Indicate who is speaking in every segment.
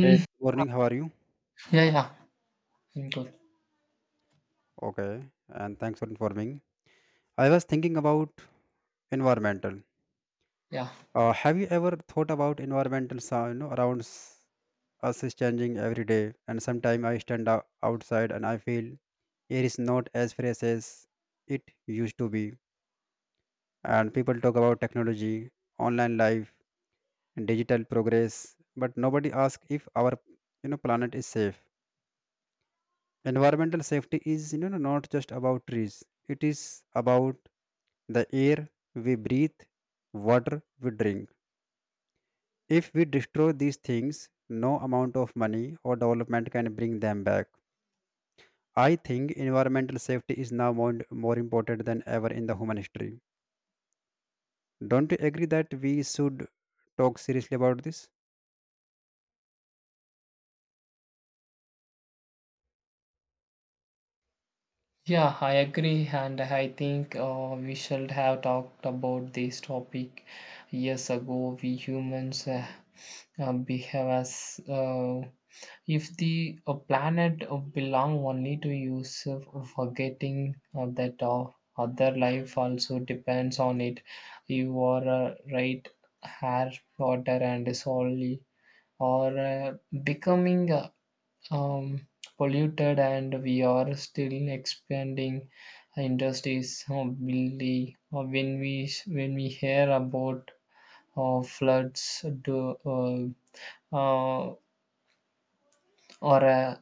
Speaker 1: Hey, good morning. How are you?
Speaker 2: Yeah, yeah. Mm, good.
Speaker 1: Okay, and thanks for informing. I was thinking about environmental.
Speaker 2: Yeah.
Speaker 1: Have you ever thought about environmental sound, you know, around us is changing every day, and sometimes I stand outside and I feel air is not as fresh as it used to be. And people talk about technology, online life, and digital progress, but nobody asks if our planet is safe. Environmental safety is not just about trees. It is about the air we breathe, water we drink. If we destroy these things, no amount of money or development can bring them back. I think environmental safety is now more important than ever in the human history. Don't you agree that we should talk seriously about this?
Speaker 2: Yeah, I agree, and I think we should have talked about this topic years ago. We humans behave as if the planet belong only to use, forgetting that other life also depends on it. You are right, air, water, and soil, or becoming. Um, Polluted and we are still expanding industries. Oh, really? When we hear about floods do, uh, or a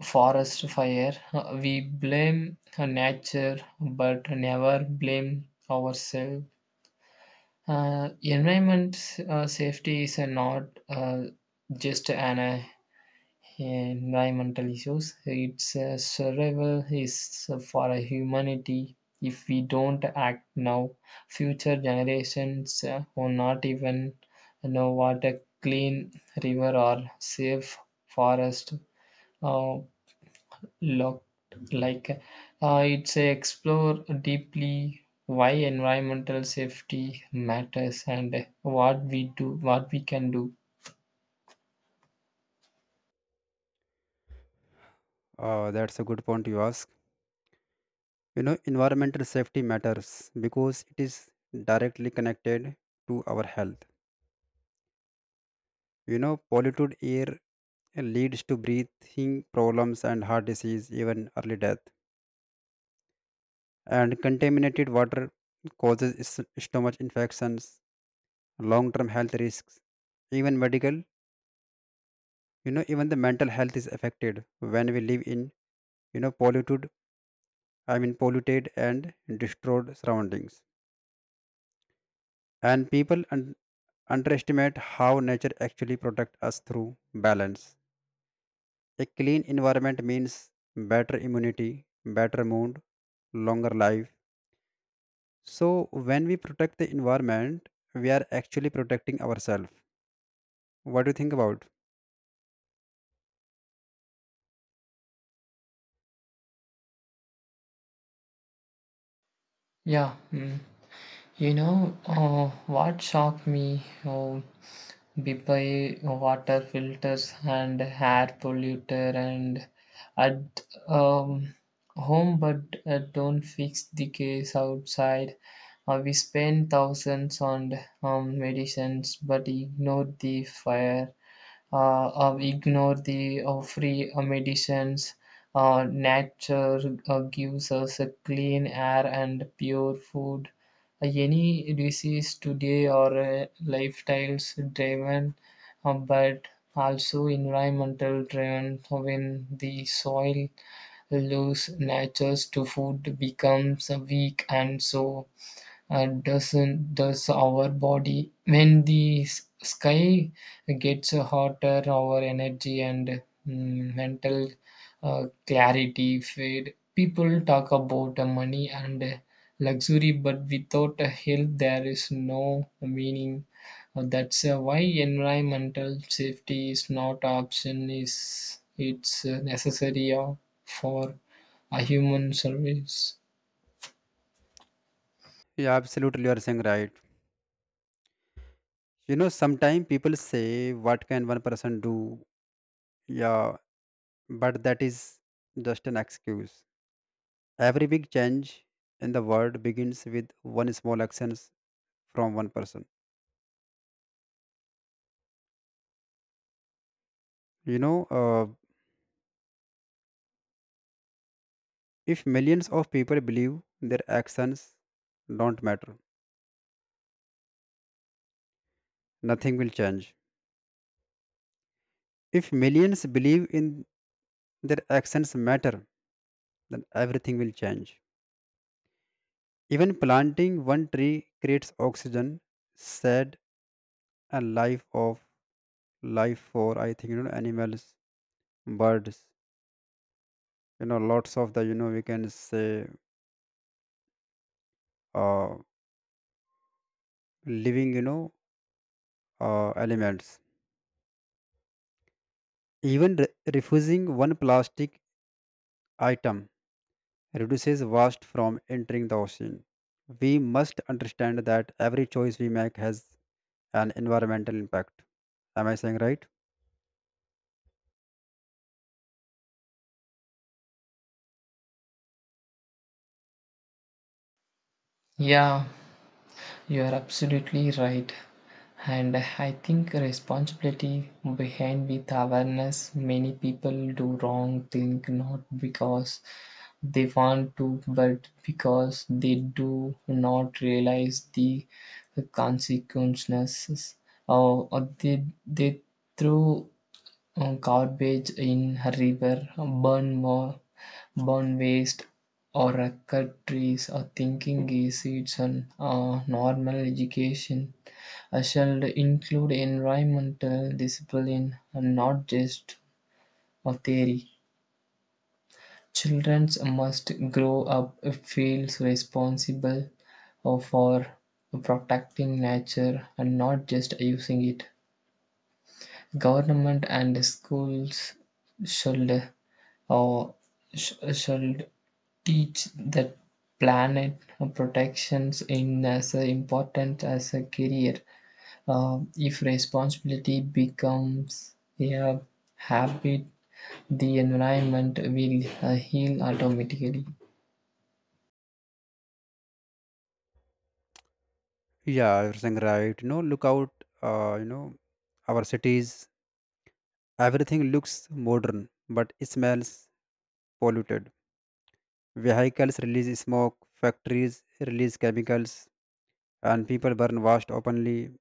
Speaker 2: forest fire, we blame nature but never blame ourselves. Environment safety is not uh, just an environmental issues. It's a survival is for a humanity. If we don't act now, future generations will not even know what a clean river or safe forest uh, look like. It's a explore deeply why environmental safety matters and what we do, what we can do.
Speaker 1: That's a good point you ask. Environmental safety matters because it is directly connected to our health. Polluted air leads to breathing problems and heart disease, even early death. And contaminated water causes stomach infections, long-term health risks, even medical. Even the mental health is affected when we live in polluted. I mean, polluted and destroyed surroundings. And people underestimate how nature actually protects us through balance. A clean environment means better immunity, better mood, longer life. So, when we protect the environment, we are actually protecting ourselves. What do you think about?
Speaker 2: Yeah. Mm. You know, what shocked me oh, Bipai water filters and air polluter and at home, but don't fix the case outside. We spend thousands on medicines, but ignore the fire ignore the free medicines. Nature gives us a clean air and pure food. Any disease today or lifestyles driven, but also environmental driven. When the soil lose natures to food becomes weak, and so and doesn't does our body when the sky gets hotter our energy and mental clarity fade people talk about money and luxury but without a health there is no meaning. That's why environmental safety is not option is it's necessary for a human service.
Speaker 1: Yeah, absolutely, you are saying right. Sometimes people say, what can one person do? Yeah, but that is just an excuse. Every big change in the world begins with one small actions from one person. You know, uh, If millions of people believe their actions don't matter, nothing will change. If millions believe in their actions matter, then everything will change. Even planting one tree creates oxygen, shade, and life for I think animals, birds, lots of the we can say uh, living elements. Even refusing one plastic item reduces waste from entering the ocean. We must understand that every choice we make has an environmental impact. Am I saying right?
Speaker 2: Yeah. You are absolutely right. And I think responsibility behind with awareness. Many people do wrong thing not because they want to, but because they do not realize the consequences. Or they throw garbage in a river, burn more, burn waste, or cut trees, or thinking is it's an normal education. I shall include environmental discipline and not just a theory. Children must grow up feels responsible for protecting nature and not just using it. Government and schools should, or should teach that planet protections in as a important as a career. If responsibility becomes a habit, the environment will heal automatically.
Speaker 1: Yeah, you're saying right. Look out, uh, you know, our cities, everything looks modern, but it smells polluted. Vehicles release smoke, factories release chemicals, and people burn waste openly.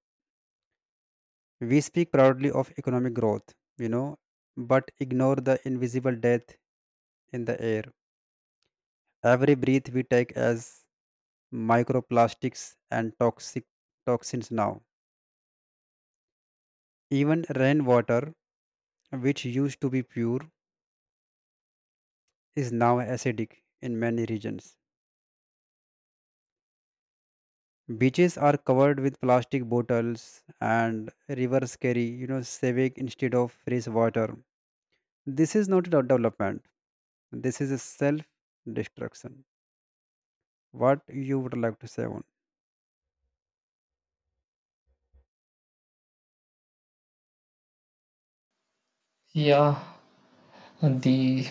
Speaker 1: We speak proudly of economic growth, but ignore the invisible death in the air. Every breath we take has microplastics and toxic toxins now. Even rainwater, which used to be pure, is now acidic in many regions. Beaches are covered with plastic bottles and rivers carry sewage instead of fresh water. This is not a development. This is a self-destruction. What you would like to say on?
Speaker 2: Yeah, the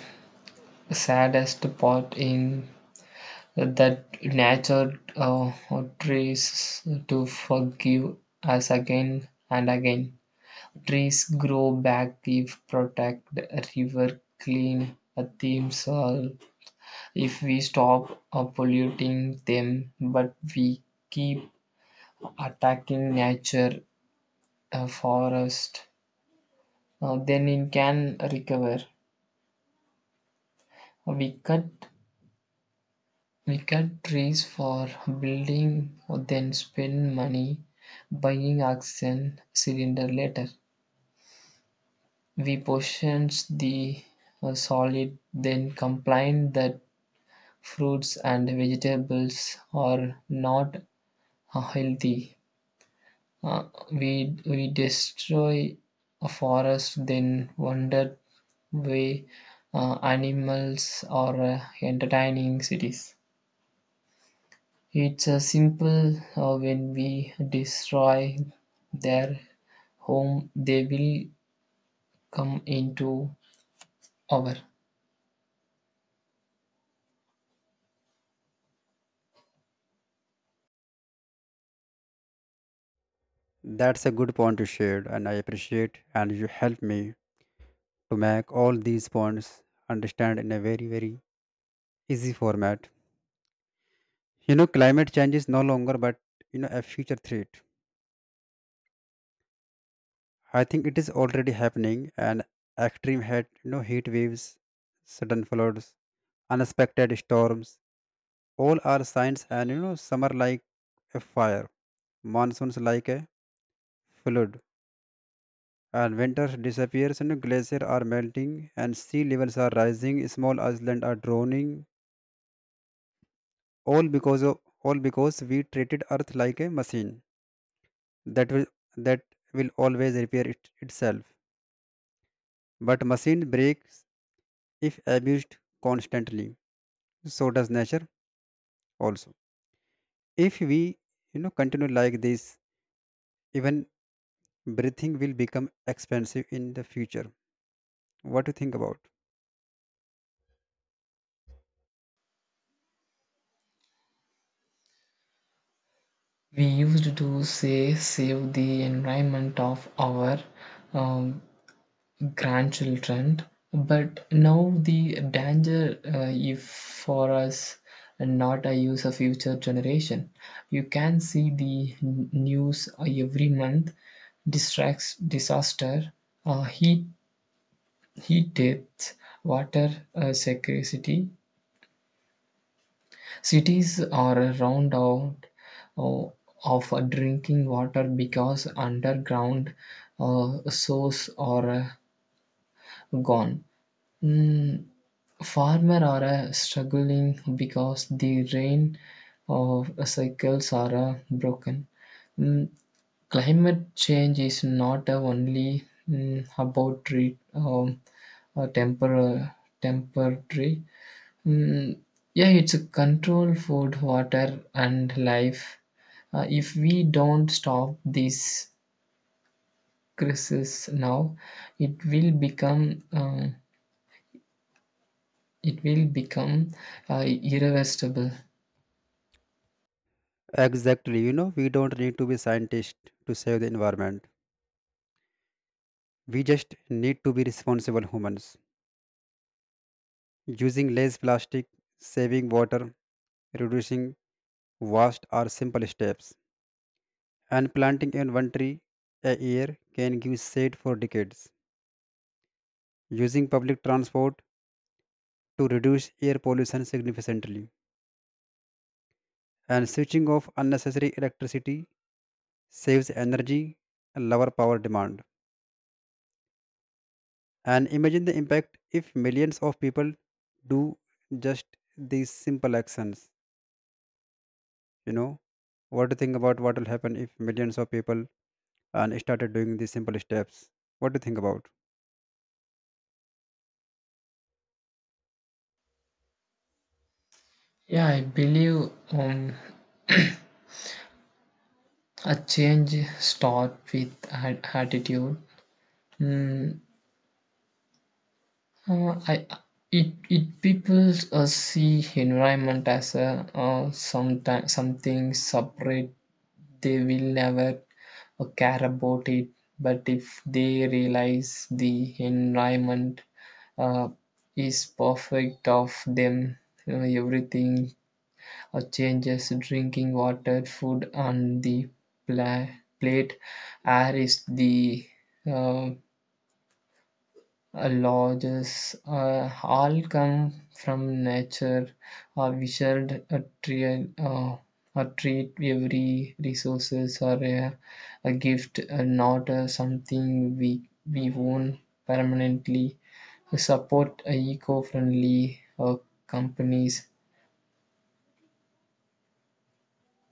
Speaker 2: saddest part in that nature tries to forgive us again and again. Trees grow back if protect river clean a themes all if we stop polluting them but we keep attacking nature forest then it can recover we cut We cut trees for building, then spend money buying oxygen cylinder later. We portioned the solid, then complain that fruits and vegetables are not healthy. Uh, we destroy a forest, then wonder why animals are entertaining cities. It's a simple when we destroy their home, they will come into our.
Speaker 1: That's a good point you shared, and I appreciate, and you helped me to make all these points understand in a very very easy format. Climate change is no longer, but a future threat. I think it is already happening, and extreme heat, heat waves, sudden floods, unexpected storms, all are signs. And summer like a fire, monsoons like a flood, and winter disappears, and glaciers are melting, and sea levels are rising, small islands are drowning, all because of all because we treated earth like a machine that will that will always repair it, itself. But machine breaks if abused constantly, so does nature also. If we continue like this, even breathing will become expensive in the future. What do you think about?
Speaker 2: We used to say save the environment of our um, grandchildren, but now the danger if for us and not a use of future generation. You can see the news every month distracts disaster, uh, heat heat depth, water scarcity. Cities are round out uh, of drinking water because underground source are gone. Mm, Farmer are struggling because the rain of cycles are broken. Mm, Climate change is not only about treat, temper, temporary. Mm, yeah, it's a control food, water, and life. If we don't stop this crisis now, it will become uh, it will become irreversible.
Speaker 1: Exactly. We don't need to be scientists to save the environment. We just need to be responsible humans, using less plastic, saving water, reducing. Vast are simple steps, and planting even one tree a year can give shade for decades. Using public transport to reduce air pollution significantly, and switching off unnecessary electricity saves energy and lower power demand. And imagine the impact if millions of people do just these simple actions. You know, what do you think about what will happen if millions of people and started doing these simple steps? What do you think about?
Speaker 2: Yeah, I believe a change start with attitude. Mm, I It people see environment as a something separate they will never care about it but if they realize the environment uh, is perfect of them everything changes drinking water food on the pla- plate air is the uh, lodges all come from nature or wizard a tree a treat every resources are a gift not something we own permanently support eco-friendly uh, companies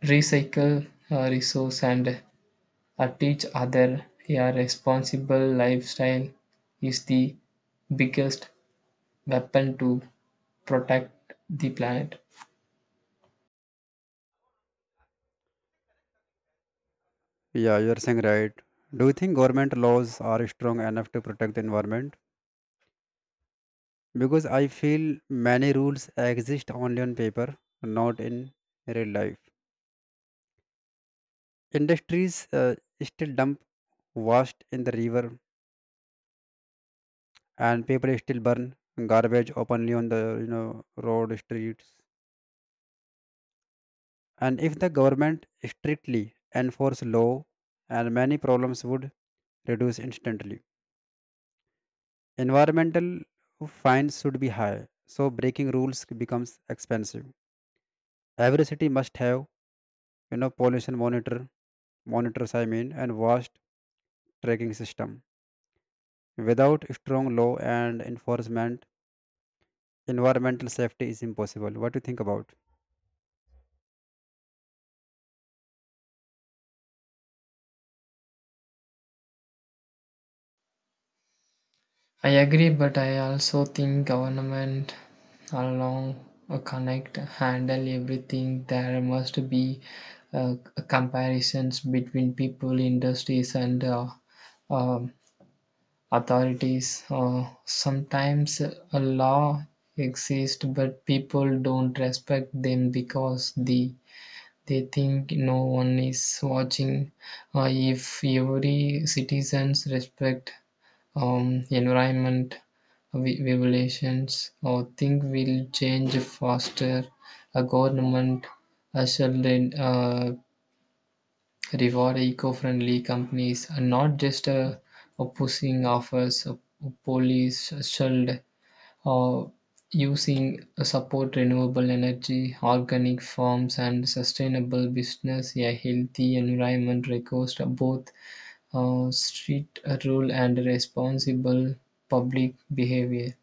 Speaker 2: recycle resource and teach other a responsible lifestyle is the biggest weapon to protect the planet.
Speaker 1: Yeah, you're saying right. Do you think government laws are strong enough to protect the environment? Because I feel many rules exist only on paper, not in real life. Industries still dump waste in the river, and people still burn garbage openly on the road streets. And if the government strictly enforce law, and many problems would reduce instantly. Environmental fines should be high, so breaking rules becomes expensive. Every city must have pollution monitor, monitors, I mean, and vast tracking system. Without strong law and enforcement, environmental safety is impossible. What do you think about?
Speaker 2: I agree, but I also think government along a connect handle everything. There must be uh, comparisons between people, industries, and um authorities. Sometimes a law exists, but people don't respect them because they think no one is watching. If every citizens respect environment regulations, or think will change faster, a government shall uh, reward eco-friendly companies, and not just opposing offers. A police should uh, using support renewable energy, organic farms, and sustainable business. A healthy environment requires both street rule and responsible public behavior.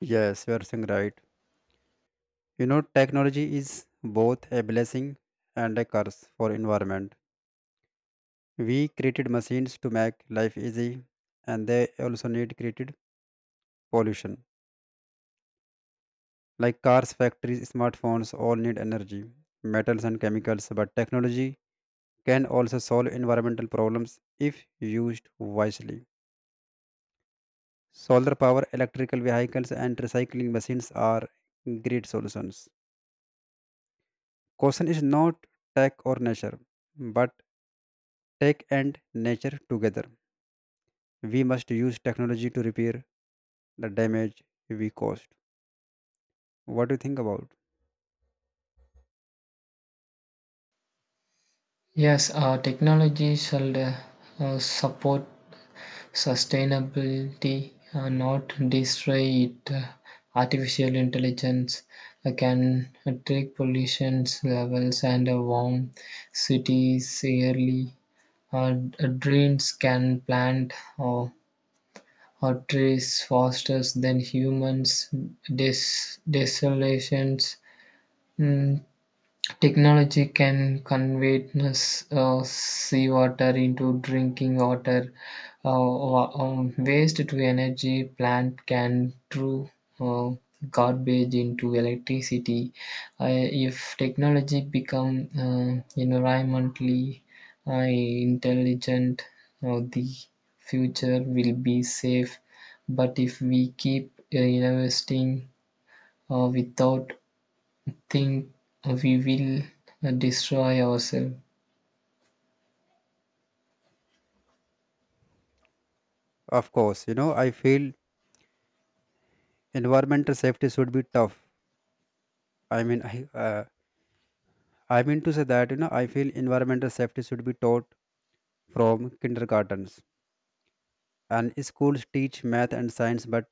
Speaker 1: Yes, you are saying right. Technology is both a blessing and a curse for environment. We created machines to make life easy, and they also need created pollution. Like cars, factories, smartphones all need energy, metals, and chemicals, but technology can also solve environmental problems if used wisely. Solar power, electrical vehicles, and recycling machines are great solutions. Question is not tech or nature, but tech and nature together. We must use technology to repair the damage we caused. What do you think about?
Speaker 2: Yes, technology shall support sustainability, not destroy it. Artificial intelligence can track pollution levels and warm cities yearly. Drains can plant or, or trees faster than humans. Desolations. mm, Technology can convert seawater into drinking water. Uh, Waste to energy plant can throw uh, garbage into electricity. If technology become environmentally uh, intelligent, the future will be safe. But if we keep investing without think we will destroy ourselves.
Speaker 1: Of course, I feel environmental safety should be tough. I mean, I mean to say that I feel environmental safety should be taught from kindergartens. And schools teach math and science, but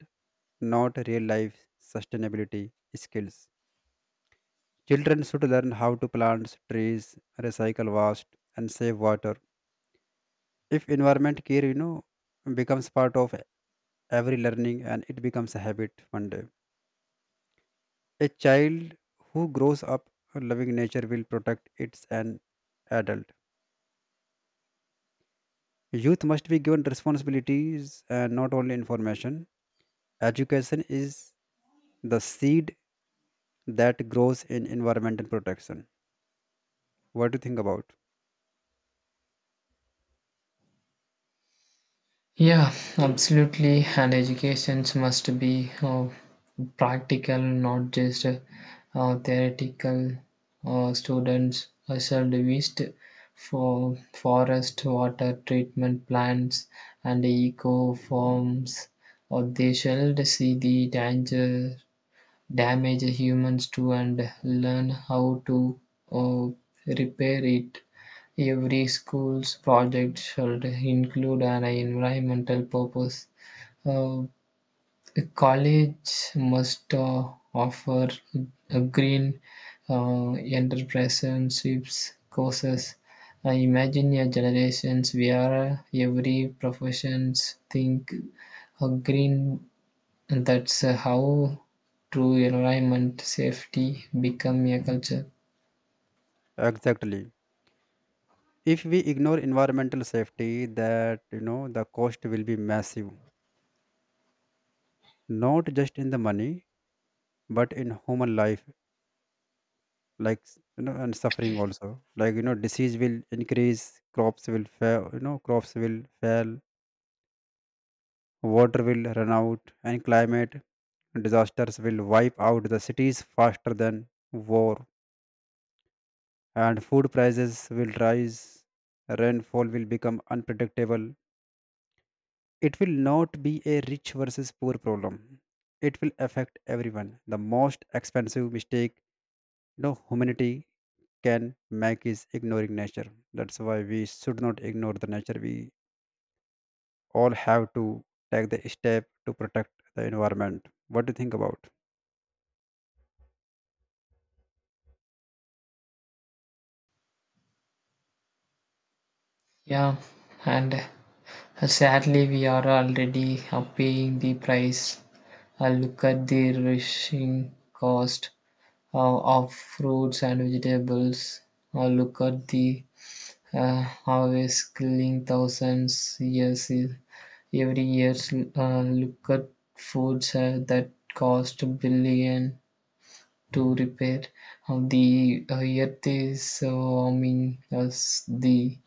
Speaker 1: not real life sustainability skills. Children should learn how to plant trees, recycle waste, and save water. If environment care becomes part of every learning and it becomes a habit one day. A child who grows up loving nature will protect it as an adult. Youth must be given responsibilities and not only information. Education is the seed that grows in environmental protection. What do you think about?
Speaker 2: Yeah, absolutely. And educations must be practical, not just theoretical. Students should visit for forest water treatment plants and eco farms, or they should see the danger damage humans do and learn how to uh, repair it. Every school's project should include an environmental purpose. Uh, College must offer a green entrepreneurships courses. I imagine a generations where every professions think a green and that's how true environment safety become a culture.
Speaker 1: Exactly. If we ignore environmental safety, that the cost will be massive, not just in the money, but in human life, like and suffering also. Like disease will increase, crops will fail, water will run out, and climate disasters will wipe out the cities faster than war, and food prices will rise, rainfall will become unpredictable. It will not be a rich versus poor problem. It will affect everyone. The most expensive mistake no humanity can make is ignoring nature. That's why we should not ignore the nature. We all have to take the step to protect the environment. What do you think about?
Speaker 2: Yeah, and sadly we are already paying the price. Look at the rushing cost of fruits and vegetables. Look at the harvest killing thousands years every year. Look at foods that cost billion to repair. The earth is warming us the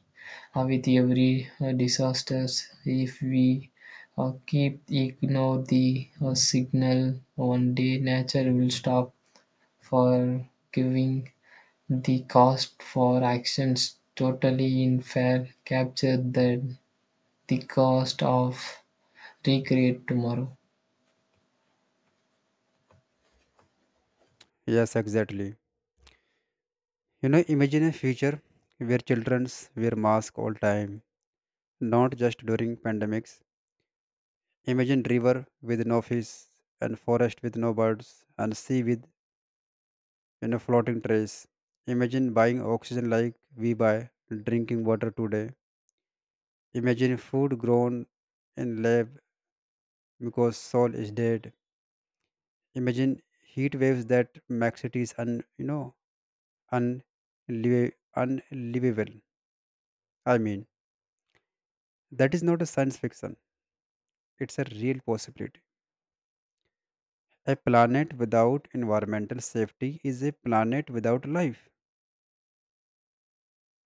Speaker 2: with every disasters. If we keep ignore the signal, one day nature will stop for giving the cost for actions totally unfair. Capture the cost of recreate tomorrow.
Speaker 1: Yes, exactly. Imagine a future where childrens wear masks all time, not just during pandemics. Imagine river with no fish and forest with no birds and sea with floating trays. Imagine buying oxygen like we buy drinking water today. Imagine food grown in lab because soil is dead. Imagine heat waves that make cities un you know unliv- unlivable. I mean, that is not a science fiction. It's a real possibility. A planet without environmental safety is a planet without life.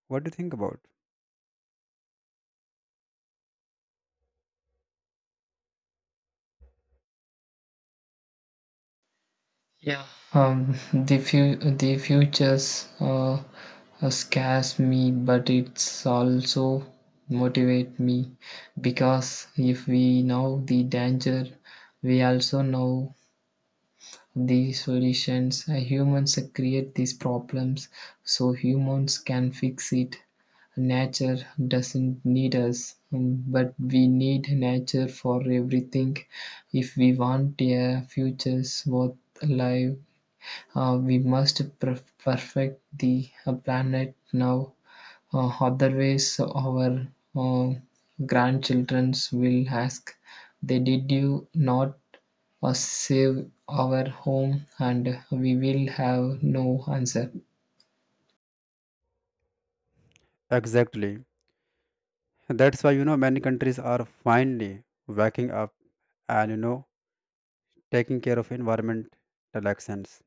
Speaker 1: What do you think about?
Speaker 2: Yeah, the futures scares me, but it's also motivate me because if we know the danger, we also know the solutions. Humans create these problems, so humans can fix it. Nature doesn't need us, but we need nature for everything. If we want a futures worth alive we must perfect the planet now, otherwise, our uh, grandchildren will ask, they did you not save our home? And we will have no answer.
Speaker 1: Exactly. That's why many countries are finally waking up and taking care of environmental actions.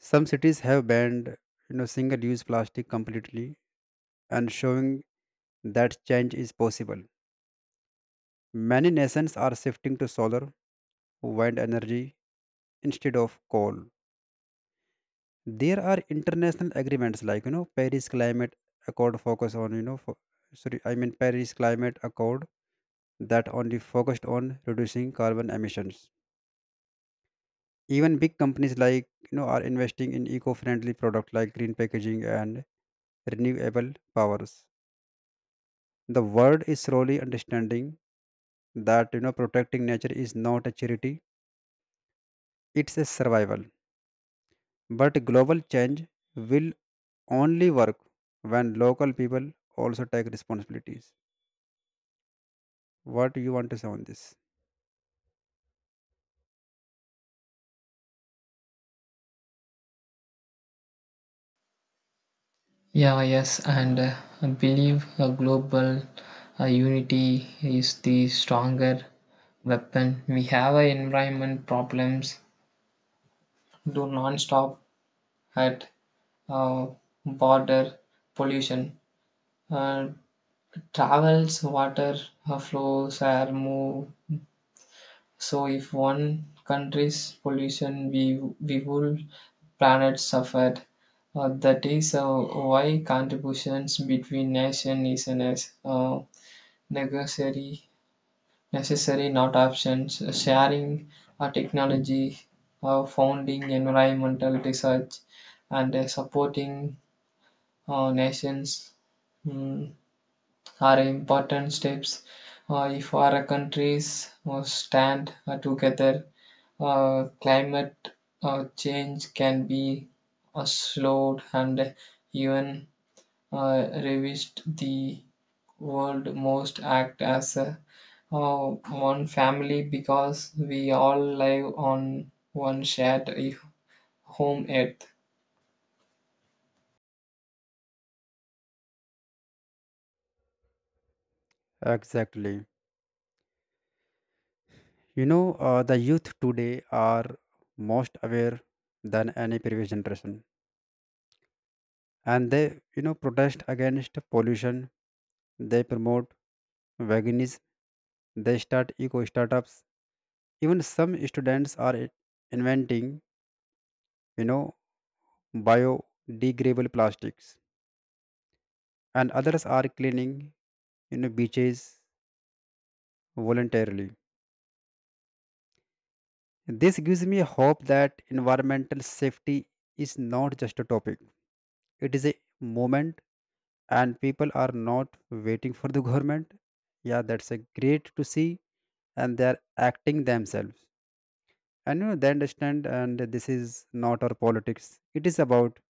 Speaker 1: Some cities have banned single-use plastic completely and showing that change is possible. Many nations are shifting to solar, wind energy instead of coal. There are international agreements like, Paris climate accord focus on, sorry, I mean Paris climate accord that only focused on reducing carbon emissions. Even big companies like are investing in eco-friendly products like green packaging and renewable powers. The world is slowly understanding that protecting nature is not a charity, it's a survival, but global change will only work when local people also take responsibilities. What you want to say on this?
Speaker 2: Yeah, yes, and I believe a global unity is the stronger weapon. We have a environment problems do non-stop at uh, border pollution. Uh, Travels, water flows, air move. So if one country's pollution, we will planet suffered. That is why contributions between nation is a necessary, necessary not options. Sharing technology, founding environmental research, and supporting nations mm, are important steps. If our countries stand together, climate change can be slowed and even revised. The world most act as a, one family because we all live on one shared home earth.
Speaker 1: Exactly. The youth today are most aware than any previous generation, and they protest against pollution. They promote veganism. They start eco startups. Even some students are inventing, you know, biodegradable plastics, and others are cleaning, beaches voluntarily. This gives me hope that environmental safety is not just a topic. It is a moment, and people are not waiting for the government. Yeah, that's a great to see, and they are acting themselves. And they understand, and this is not our politics. It is about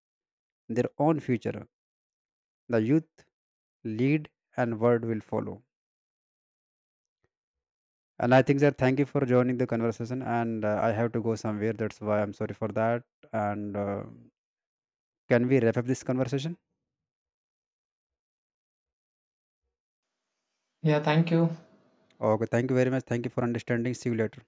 Speaker 1: their own future. The youth lead, and word will follow. And I think that thank you for joining the conversation. And I have to go somewhere. That's why I'm sorry for that. And can we wrap up this conversation?
Speaker 2: Yeah, thank you.
Speaker 1: Okay, thank you very much. Thank you for understanding. See you later.